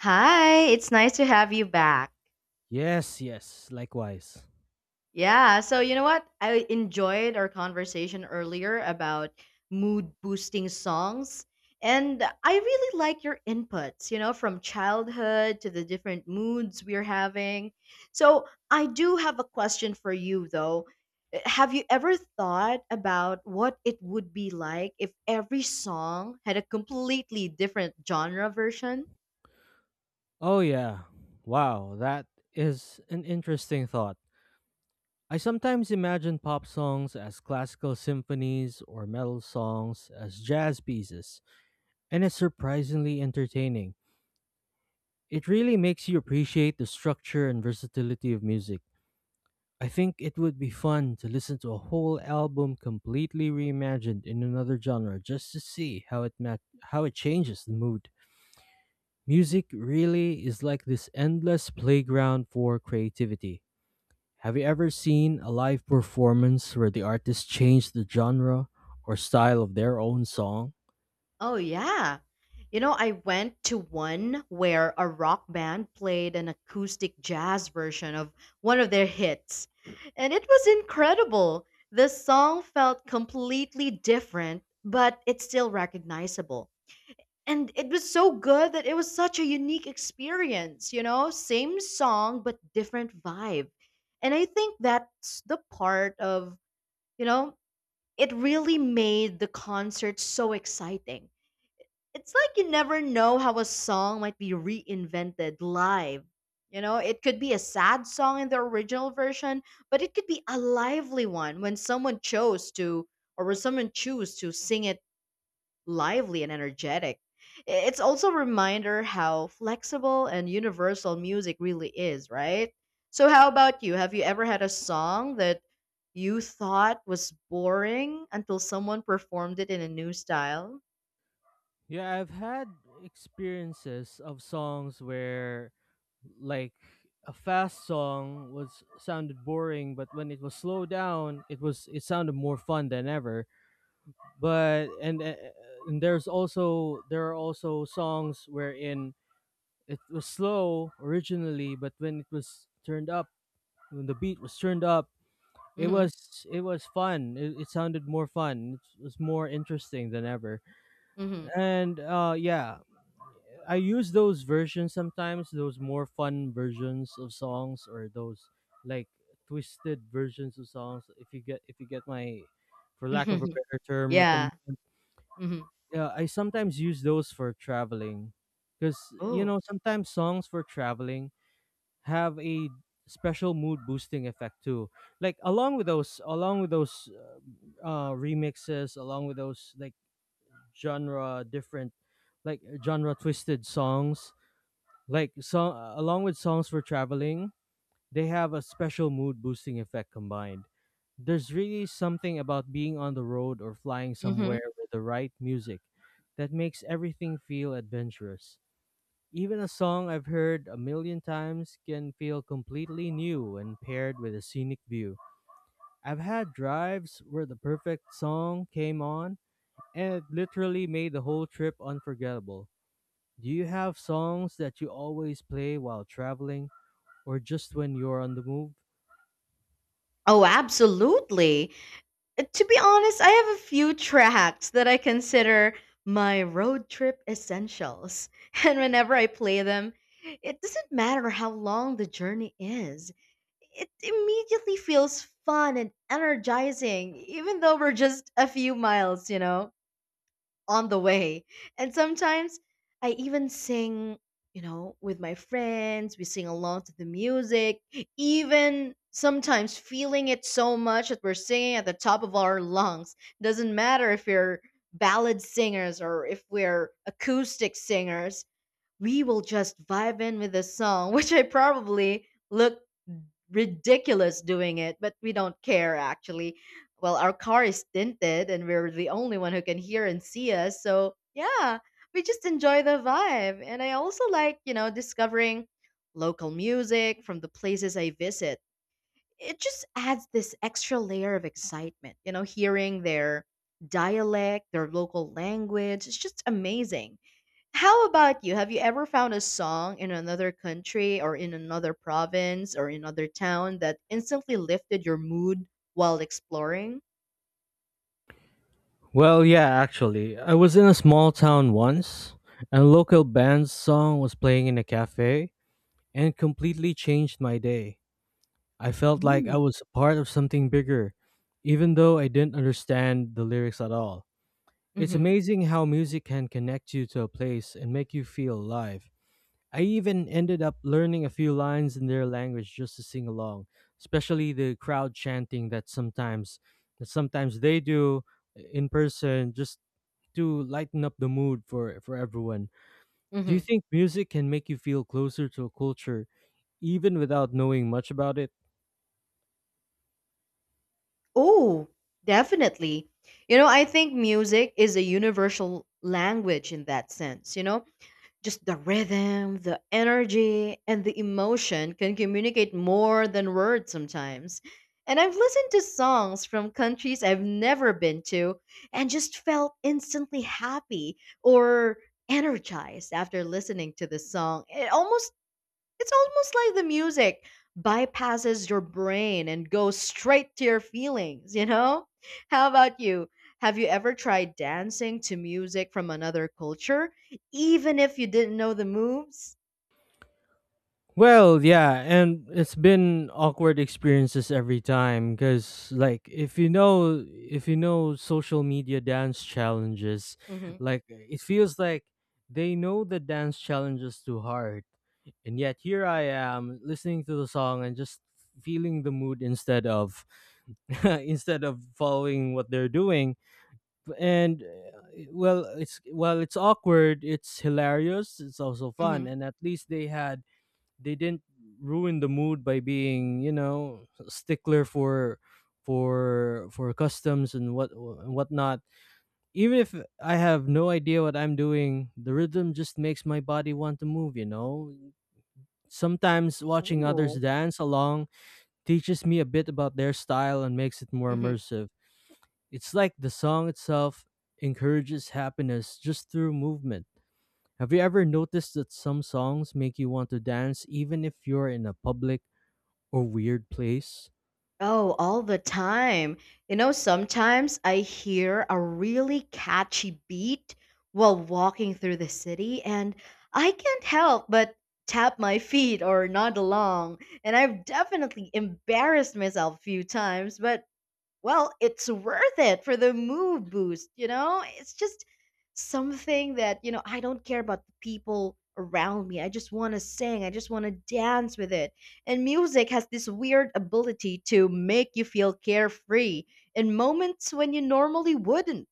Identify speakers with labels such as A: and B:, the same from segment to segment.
A: Hi, it's nice to have you back.
B: Yes, yes, likewise.
A: Yeah, so you know what? I enjoyed our conversation earlier about mood boosting songs, and I really like your inputs, you know, from childhood to the different moods we're having. So, I do have a question for you though. Have you ever thought about what it would be like if every song had a completely different genre version?
B: Oh, yeah. Wow, that is an interesting thought. I sometimes imagine pop songs as classical symphonies or metal songs as jazz pieces, and it's surprisingly entertaining. It really makes you appreciate the structure and versatility of music. I think it would be fun to listen to a whole album completely reimagined in another genre just to see how how it changes the mood. Music really is like this endless playground for creativity. Have you ever seen a live performance where the artist changed the genre or style of their own song?
A: Oh, yeah. You know, I went to one where a rock band played an acoustic jazz version of one of their hits, and it was incredible. The song felt completely different, but it's still recognizable. And it was so good that it was such a unique experience, you know, same song, but different vibe. And I think that's the part of, you know, it really made the concert so exciting. It's like you never know how a song might be reinvented live. You know, it could be a sad song in the original version, but it could be a lively one when someone chose to or when someone choose to sing it lively and energetic. It's also a reminder how flexible and universal music really is, right? So how about you? Have you ever had a song that you thought was boring until someone performed it in a new style?
B: Yeah, I've had experiences of songs where like a fast song was sounded boring but when it was slowed down it sounded more fun than ever but and, uh, and there are also songs wherein it was slow originally, but when it was turned up, when the beat was turned up, it
A: Mhm.
B: was it was fun. It sounded more fun. It was more interesting than ever.
A: Mhm.
B: And Yeah, I use those versions sometimes. Those more fun versions of songs, or those like twisted versions of songs. If you get my, for lack of a better term, at the
A: Yeah.
B: moment,
A: Mhm.
B: yeah, I sometimes use those for traveling, because you
A: Oh.
B: know sometimes songs for traveling have a special mood boosting effect too, like along with those remixes, along with those like genre different, like genre twisted songs. Along with songs for traveling, they have a special mood boosting effect combined. There's really something about being on the road or flying
A: Mhm.
B: somewhere with the right music that makes everything feel adventurous. Even a song I've heard a million times can feel completely new when paired with a scenic view. I've had drives where the perfect song came on and it literally made the whole trip unforgettable. Do you have songs that you always play while traveling or just when you're on the move?
A: Oh, absolutely. To be honest, I have a few tracks that I consider my road trip essentials. And whenever I play them, it doesn't matter how long the journey is. It immediately feels fun and energizing, even though we're just a few miles, you know, on the way. And sometimes I even sing, you know, with my friends. We sing along to the music, even sometimes feeling it so much that we're singing at the top of our lungs. Doesn't matter if you're ballad singers or if we're acoustic singers, we will just vibe in with the song, which I probably look ridiculous doing it, but we don't care actually. Well, our car is tinted and we're the only one who can hear and see us. So, yeah, we just enjoy the vibe. And I also like, you know, discovering local music from the places I visit. It just adds this extra layer of excitement, you know, hearing their dialect, their local language. It's just amazing. How about you? Have you ever found a song in another country or in another province or in another town that instantly lifted your mood while exploring?
B: Well, yeah, actually. I was in a small town once and a local band's song was playing in a cafe and completely changed my day. I felt like I
A: Mm.
B: was a part of something bigger, even though I didn't understand the lyrics at all. It's
A: Mm-hmm.
B: amazing how music can connect you to a place and make you feel alive. I even ended up learning a few lines in their language just to sing along, especially the crowd chanting that sometimes they do in person, just to lighten up the mood for, everyone. Do you
A: Mm-hmm.
B: think music can make you feel closer to a culture even without knowing much about it?
A: Oh, definitely. You know, I think music is a universal language in that sense. You know, just the rhythm, the energy, and the emotion can communicate more than words sometimes. And I've listened to songs from countries I've never been to and just felt instantly happy or energized after listening to the song. It's almost like the music bypasses your brain and goes straight to your feelings, you know? How about you? Have you ever tried dancing to music from another culture, even if you didn't know the moves?
B: Well, yeah, and it's been awkward experiences every time cuz like if you know social media dance challenges,
A: Mm-hmm.
B: like it feels like they know the dance challenges to heart. And yet here I am listening to the song and just feeling the mood instead of instead of following what they're doing. And Well, it's while it's awkward, it's hilarious, it's also fun,
A: Mm-hmm.
B: and at least they had they didn't ruin the mood by being, you know, stickler for customs and whatnot. Even if I have no idea what I'm doing, the rhythm just makes my body want to move, you know. Sometimes watching others
A: Ooh.
B: dance along teaches me a bit about their style and makes it more immersive. It's like the song itself encourages happiness just through movement. Have you ever noticed that some songs make you want to dance even if you're in a public or weird place?
A: Oh, all the time. You know, sometimes I hear a really catchy beat while walking through the city, and I can't help but tap my feet or nod along. And I've definitely embarrassed myself a few times, but well, it's worth it for the move boost, you know? It's just something that, you know, I don't care about the people around me. I just want to sing. I just want to dance with it. And music has this weird ability to make you feel carefree in moments when you normally wouldn't.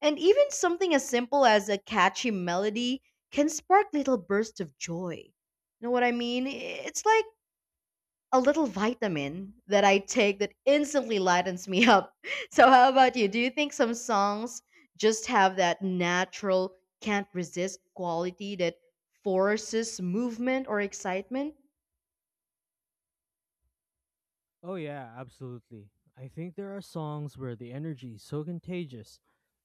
A: And even something as simple as a catchy melody can spark little bursts of joy. You know what I mean? It's like a little vitamin that I take that instantly lightens me up. So, how about you? Do you think some songs just have that natural, can't resist quality that forces movement or excitement?
B: Oh, yeah, absolutely. I think there are songs where the energy is so contagious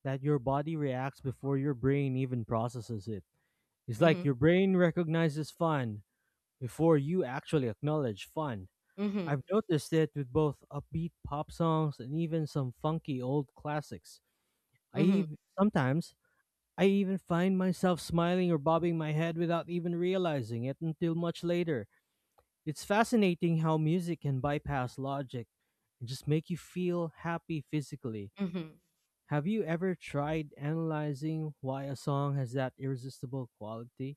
B: that your body reacts before your brain even processes it. It's like
A: Mm
B: your brain recognizes fun before you actually acknowledge fun.
A: hmm. Mm
B: I've noticed it with both upbeat pop songs and even some funky old classics. I
A: hmm. Mm hmm.
B: ev- sometimes I even find myself smiling or bobbing my head without even realizing it until much later. It's fascinating how music can bypass logic and just make you feel happy physically.
A: Mm hmm.
B: Have you ever tried analyzing why a song has that irresistible quality?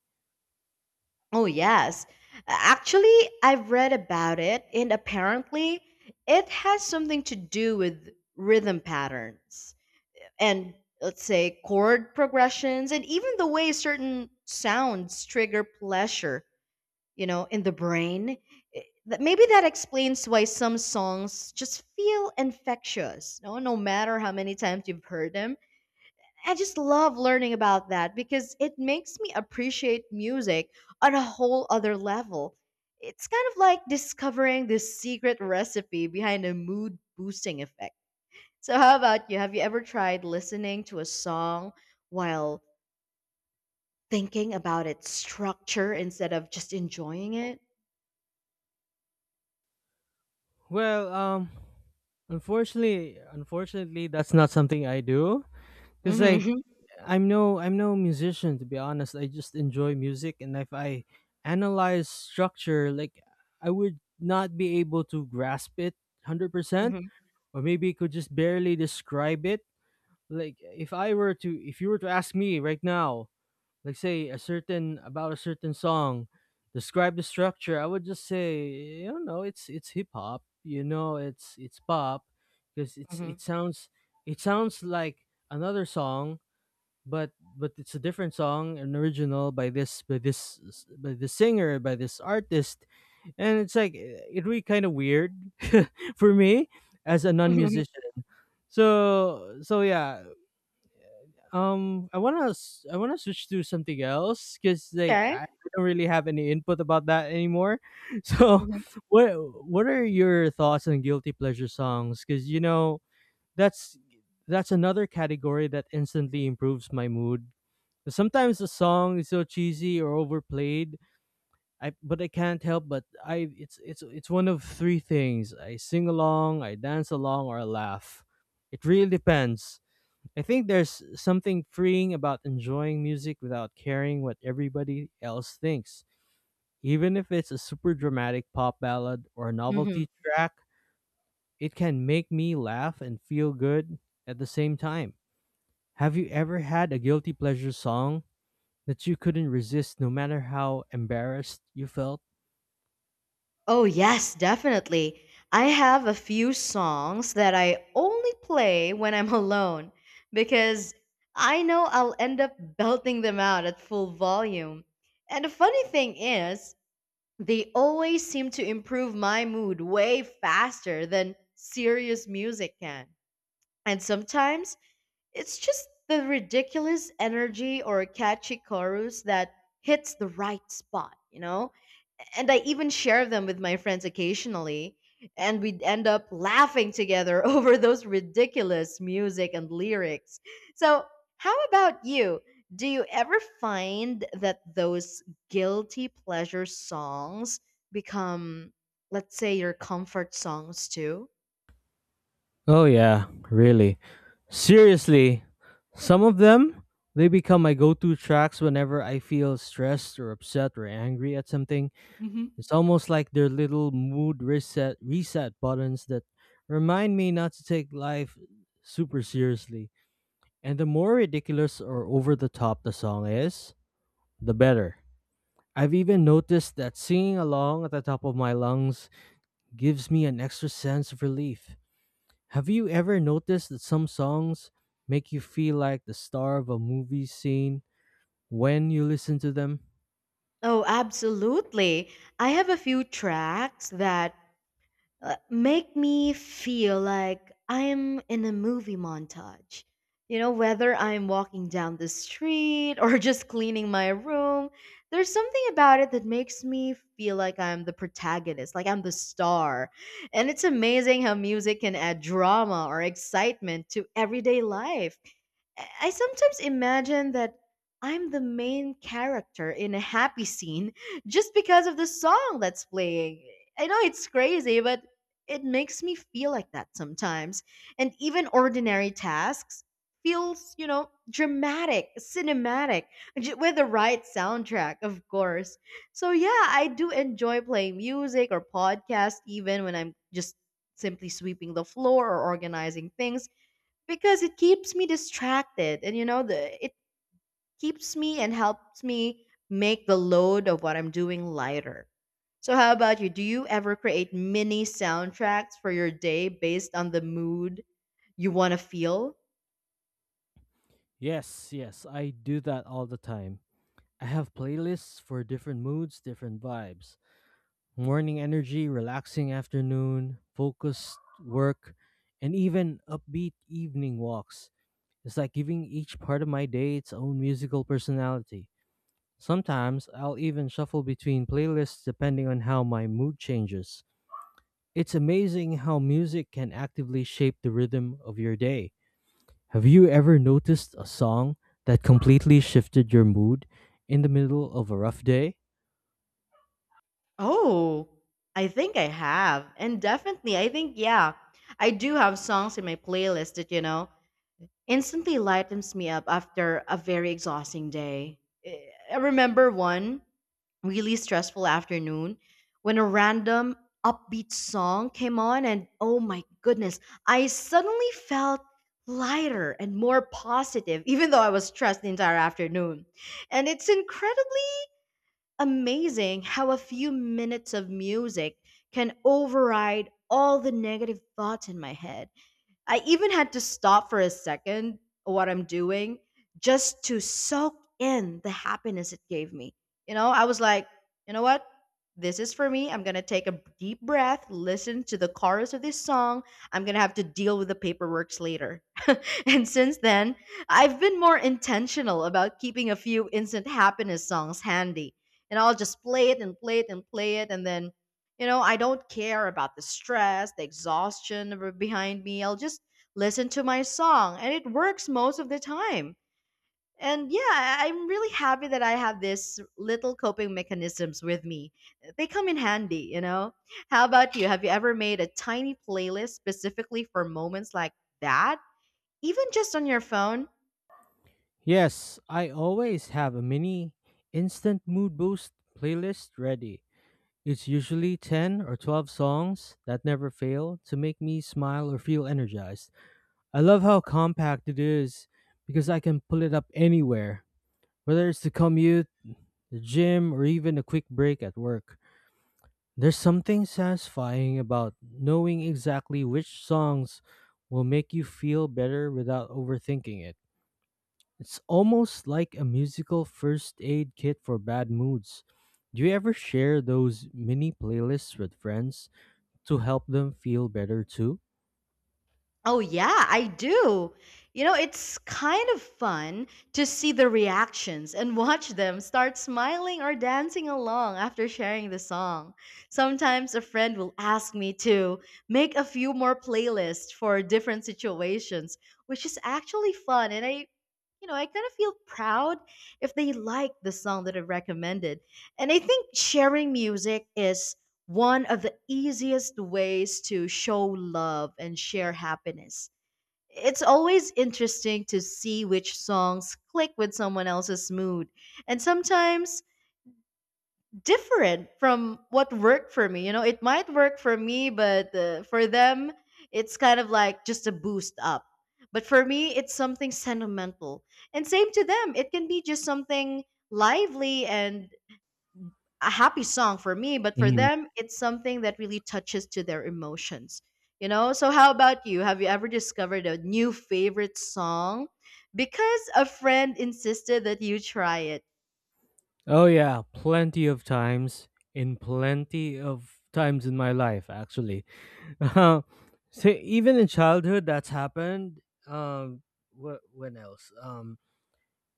A: Oh, yes. Actually, I've read about it, and apparently, it has something to do with rhythm patterns and, let's say, chord progressions, and even the way certain sounds trigger pleasure, you know, in the brain. That maybe that explains why some songs just feel infectious no matter how many times you've heard them. I just love learning about that because it makes me appreciate music on a whole other level. It's kind of like discovering the secret recipe behind a mood boosting effect. So, how about you? Have you ever tried listening to a song while thinking about its structure instead of just enjoying it?
B: Well, um Unfortunately, that's not something I do cuz like
A: Mm-hmm.
B: I'm no musician, to be honest. I just enjoy music, and if I analyze structure, like, I would not be able to grasp it 100%,
A: Mm-hmm.
B: or maybe could just barely describe it. Like, if you were to ask me right now, like say a certain about a certain song, describe the structure, I would just say, you know, it's hip hop, you know, it's pop because it's
A: Mm-hmm.
B: it sounds like another song, but it's a different song, an original by the singer, by this artist. And it's like, eh, it really kind of weird for me as a
A: Hmm.
B: non-musician. So yeah, I wanna switch to something else because like
A: Okay.
B: I don't really have any input about that anymore. So,
A: Mm-hmm.
B: what what are your thoughts on guilty pleasure songs? Because you know that's that's another category that instantly improves my mood. Sometimes the song is so cheesy or overplayed, I can't help but I it's one of three things: I sing along, I dance along, or I laugh. It really depends. I think there's something freeing about enjoying music without caring what everybody else thinks. Even if it's a super dramatic pop ballad or a
A: Hmm.
B: novelty track, it can make me laugh and feel good at the same time. Have you ever had a guilty pleasure song that you couldn't resist no matter how embarrassed you felt?
A: Oh, yes, definitely. I have a few songs that I only play when I'm alone because I know I'll end up belting them out at full volume. And the funny thing is, they always seem to improve my mood way faster than serious music can. And sometimes it's just the ridiculous energy or catchy chorus that hits the right spot, you know? And I even share them with my friends occasionally, and we'd end up laughing together over those ridiculous music and lyrics. So, how about you? Do you ever find that those guilty pleasure songs become, let's say, your comfort songs too?
B: Oh, yeah, really. Seriously, some of them, they become my go to tracks whenever I feel stressed or upset or angry at something.
A: Hmm.
B: It's almost like they're little mood reset buttons that remind me not to take life super seriously. And the more ridiculous or over the top the song is, the better. I've even noticed that singing along at the top of my lungs gives me an extra sense of relief. Have you ever noticed that some songs make you feel like the star of a movie scene when you listen to them?
A: Oh, absolutely. I have a few tracks that make me feel like I'm in a movie montage. You know, whether I'm walking down the street or just cleaning my room, there's something about it that makes me feel like I'm the protagonist, like I'm the star. And it's amazing how music can add drama or excitement to everyday life. I sometimes imagine that I'm the main character in a happy scene just because of the song that's playing. I know it's crazy, but it makes me feel like that sometimes. And even ordinary tasks feels, you know, dramatic, cinematic with the right soundtrack, of course. So yeah, I do enjoy playing music or podcast even when I'm just simply sweeping the floor or organizing things because it keeps me distracted, and you know, the it keeps me and helps me make the load of what I'm doing lighter. So how about you? Do you ever create mini soundtracks for your day based on the mood you want to feel?
B: Yes, yes, I do that all the time. I have playlists for different moods, different vibes. Morning energy, relaxing afternoon, focused work, and even upbeat evening walks. It's like giving each part of my day its own musical personality. Sometimes I'll even shuffle between playlists depending on how my mood changes. It's amazing how music can actively shape the rhythm of your day. Have you ever noticed a song that completely shifted your mood in the middle of a rough day?
A: Oh, I think I have, and definitely, I think, yeah, I do have songs in my playlist that, you know, instantly lightens me up after a very exhausting day. I remember one really stressful afternoon when a random upbeat song came on, and oh my goodness, I suddenly felt lighter and more positive even though I was stressed the entire afternoon. And it's incredibly amazing how a few minutes of music can override all the negative thoughts in my head. I even had to stop for a second what I'm doing just to soak in the happiness it gave me. You know, I was like, you know what? This is for me. I'm going to take a deep breath, listen to the chorus of this song. I'm going to have to deal with the paperwork later. And since then, I've been more intentional about keeping a few instant happiness songs handy. And I'll just play it and play it and play it. And then, you know, I don't care about the stress, the exhaustion behind me. I'll just listen to my song. And it works most of the time. And yeah, I'm really happy that I have this little coping mechanisms with me. They come in handy, you know? How about you? Have you ever made a tiny playlist specifically for moments like that? Even just on your phone?
B: Yes, I always have a mini instant mood boost playlist ready. It's usually 10 or 12 songs that never fail to make me smile or feel energized. I love how compact it is because I can pull it up anywhere, whether it's the commute, the gym, or even a quick break at work. There's something satisfying about knowing exactly which songs will make you feel better without overthinking it. It's almost like a musical first aid kit for bad moods. Do you ever share those mini playlists with friends to help them feel better too?
A: Oh, yeah, I do. You know, it's kind of fun to see the reactions and watch them start smiling or dancing along after sharing the song. Sometimes a friend will ask me to make a few more playlists for different situations, which is actually fun. And I, you know, I kind of feel proud if they like the song that I recommended. And I think sharing music is one of the easiest ways to show love and share happiness. It's always interesting to see which songs click with someone else's mood, and sometimes different from what worked for me. You know, it might work for me, but for them, it's kind of like just a boost up. But for me, it's something sentimental. And same to them, it can be just something lively and a happy song for me, but for
B: Mm.
A: them, it's something that really touches to their emotions. You know, so how about you? Have you ever discovered a new favorite song because a friend insisted that you try it?
B: Oh yeah, plenty of times, in my life actually. Uh, so even in childhood that's happened. Um, what when else? Um,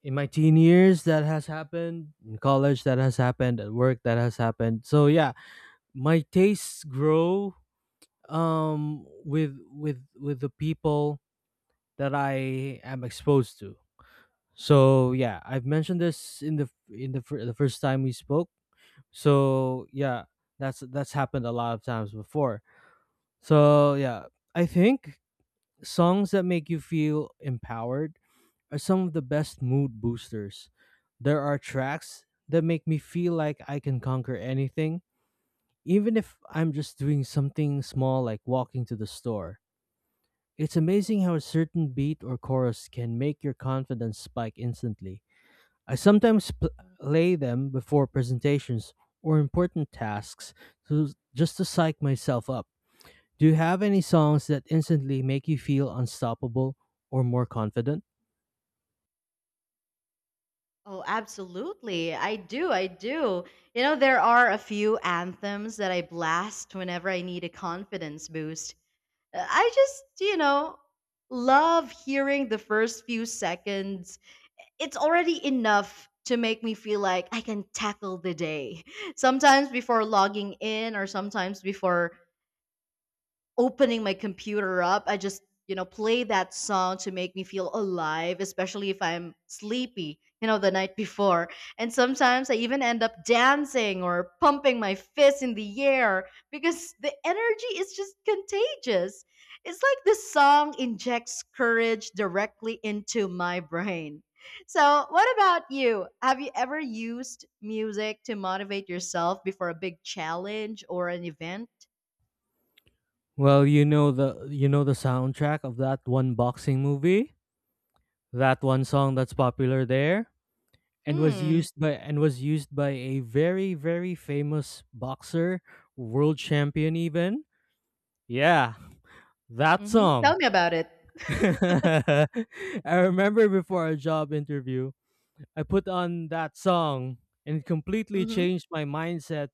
B: in my teen years that has happened, in college that has happened, at work that has happened. So yeah, my tastes grow, um, with with the people that I am exposed to. So yeah, I've mentioned this in the the first time we spoke. So yeah, that's happened a lot of times before. So yeah, I think songs that make you feel empowered are some of the best mood boosters. There are tracks that make me feel like I can conquer anything, even if I'm just doing something small like walking to the store. It's amazing how a certain beat or chorus can make your confidence spike instantly. I sometimes play them before presentations or important tasks to, just to psych myself up. Do you have any songs that instantly make you feel unstoppable or more confident?
A: Oh, absolutely. I do. I do. You know, there are a few anthems that I blast whenever I need a confidence boost. I just, you know, love hearing the first few seconds. It's already enough to make me feel like I can tackle the day. Sometimes before logging in or sometimes before opening my computer up, I just, you know, play that song to make me feel alive, especially if I'm sleepy, you know, the night before. And sometimes I even end up dancing or pumping my fist in the air because the energy is just contagious. It's like the song injects courage directly into my brain. So, what about you? Have you ever used music to motivate yourself before a big challenge or an event?
B: Well, you know the soundtrack of that one boxing movie, that one song that's popular there and
A: Hmm.
B: was used by a very famous boxer, world champion even. Yeah, that
A: Mhm. Tell
B: song.
A: me about it.
B: I remember before a job interview, I put on that song and it completely
A: Mhm.
B: changed my mindset.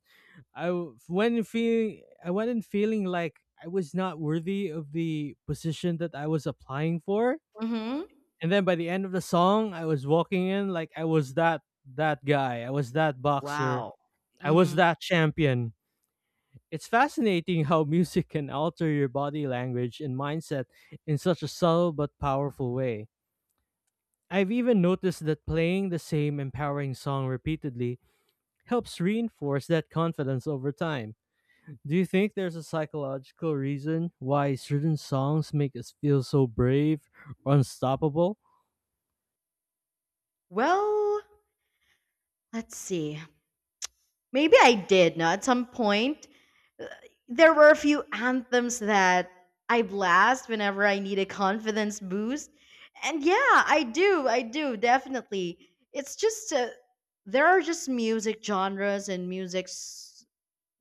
B: I went in feeling like I was not worthy of the position that I was applying for.
A: Mhm.
B: And then by the end of the song, I was walking in like I was that guy. I was that boxer.
A: Wow.
B: I was
A: Mhm.
B: that champion. It's fascinating how music can alter your body language and mindset in such a subtle but powerful way. I've even noticed that playing the same empowering song repeatedly helps reinforce that confidence over time. Do you think there's a psychological reason why certain songs make us feel so brave or unstoppable?
A: Well, let's see. Maybe I did, no, at some point. Uh, there were a few anthems that I blast whenever I need a confidence boost. And yeah, I do. I do, definitely. It's just there are just music genres and musics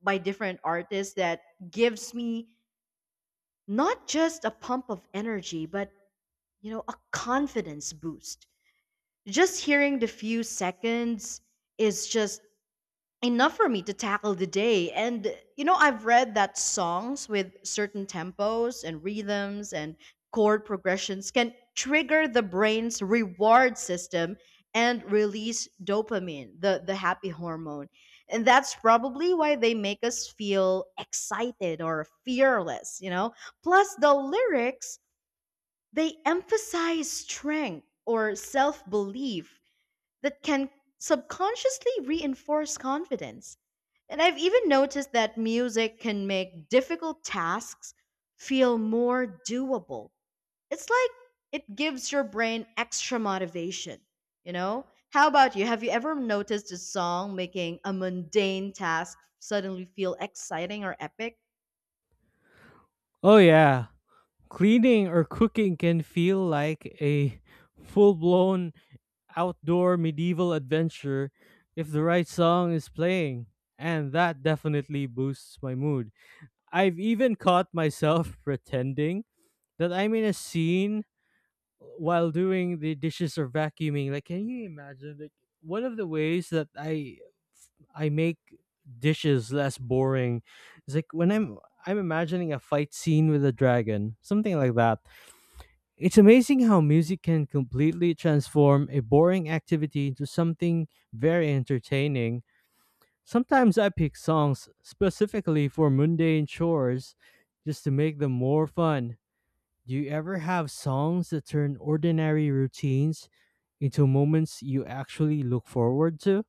A: by different artists that gives me not just a pump of energy, but you know, a confidence boost. Just hearing the few seconds is just enough for me to tackle the day. And, you know, I've read that songs with certain tempos and rhythms and chord progressions can trigger the brain's reward system and release dopamine, the happy hormone. And that's probably why they make us feel excited or fearless, you know? Plus, the lyrics, they emphasize strength or self belief that can subconsciously reinforce confidence. And I've even noticed that music can make difficult tasks feel more doable. It's like it gives your brain extra motivation, you know? How about you? Have you ever noticed a song making a mundane task suddenly feel exciting or epic?
B: Oh, yeah. Cleaning or cooking can feel like a full blown outdoor medieval adventure if the right song is playing. And that definitely boosts my mood. I've even caught myself pretending that I'm in a scene while doing the dishes or vacuuming. Like, can you imagine? Like, one of the ways that I make dishes less boring is like when I'm imagining a fight scene with a dragon, something like that. It's amazing how music can completely transform a boring activity into something very entertaining. Sometimes I pick songs specifically for mundane chores just to make them more fun. Do you ever have songs that turn ordinary routines into moments you actually look forward to?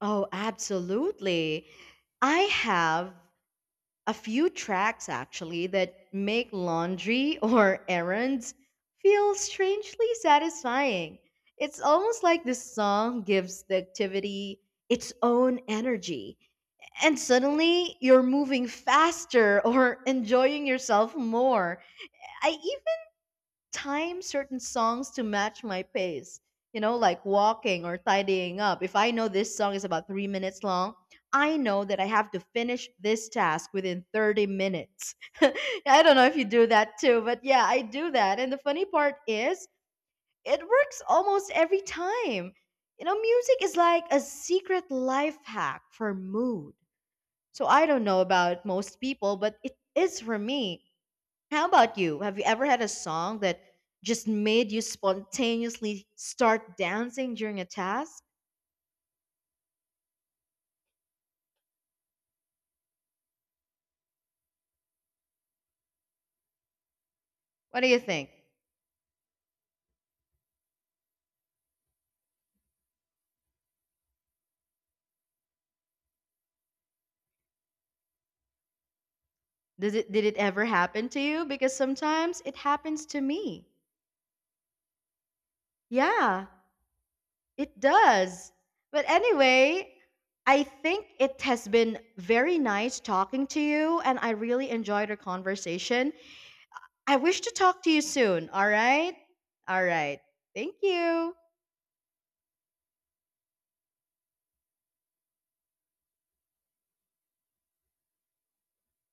A: Oh, absolutely. I have a few tracks actually that make laundry or errands feel strangely satisfying. It's almost like this song gives the activity its own energy, and suddenly you're moving faster or enjoying yourself more. I time certain songs to match my pace. You know, like walking or tidying up. If I know this song is about 3 minutes long, I know that I have to finish this task within 30 minutes. I don't know if you do that too, but yeah, I do that. And the funny part is, it works almost every time. You know, music is like a secret life hack for mood. So I don't know about most people, but it is for me. How about you? Have you ever had a song that just made you spontaneously start dancing during a task? What do you think? Did it ever happen to you? Because sometimes it happens to me. Yeah, it does. But anyway, I think it has been very nice talking to you and I really enjoyed our conversation. I wish to talk to you soon, all right? All right. Thank you.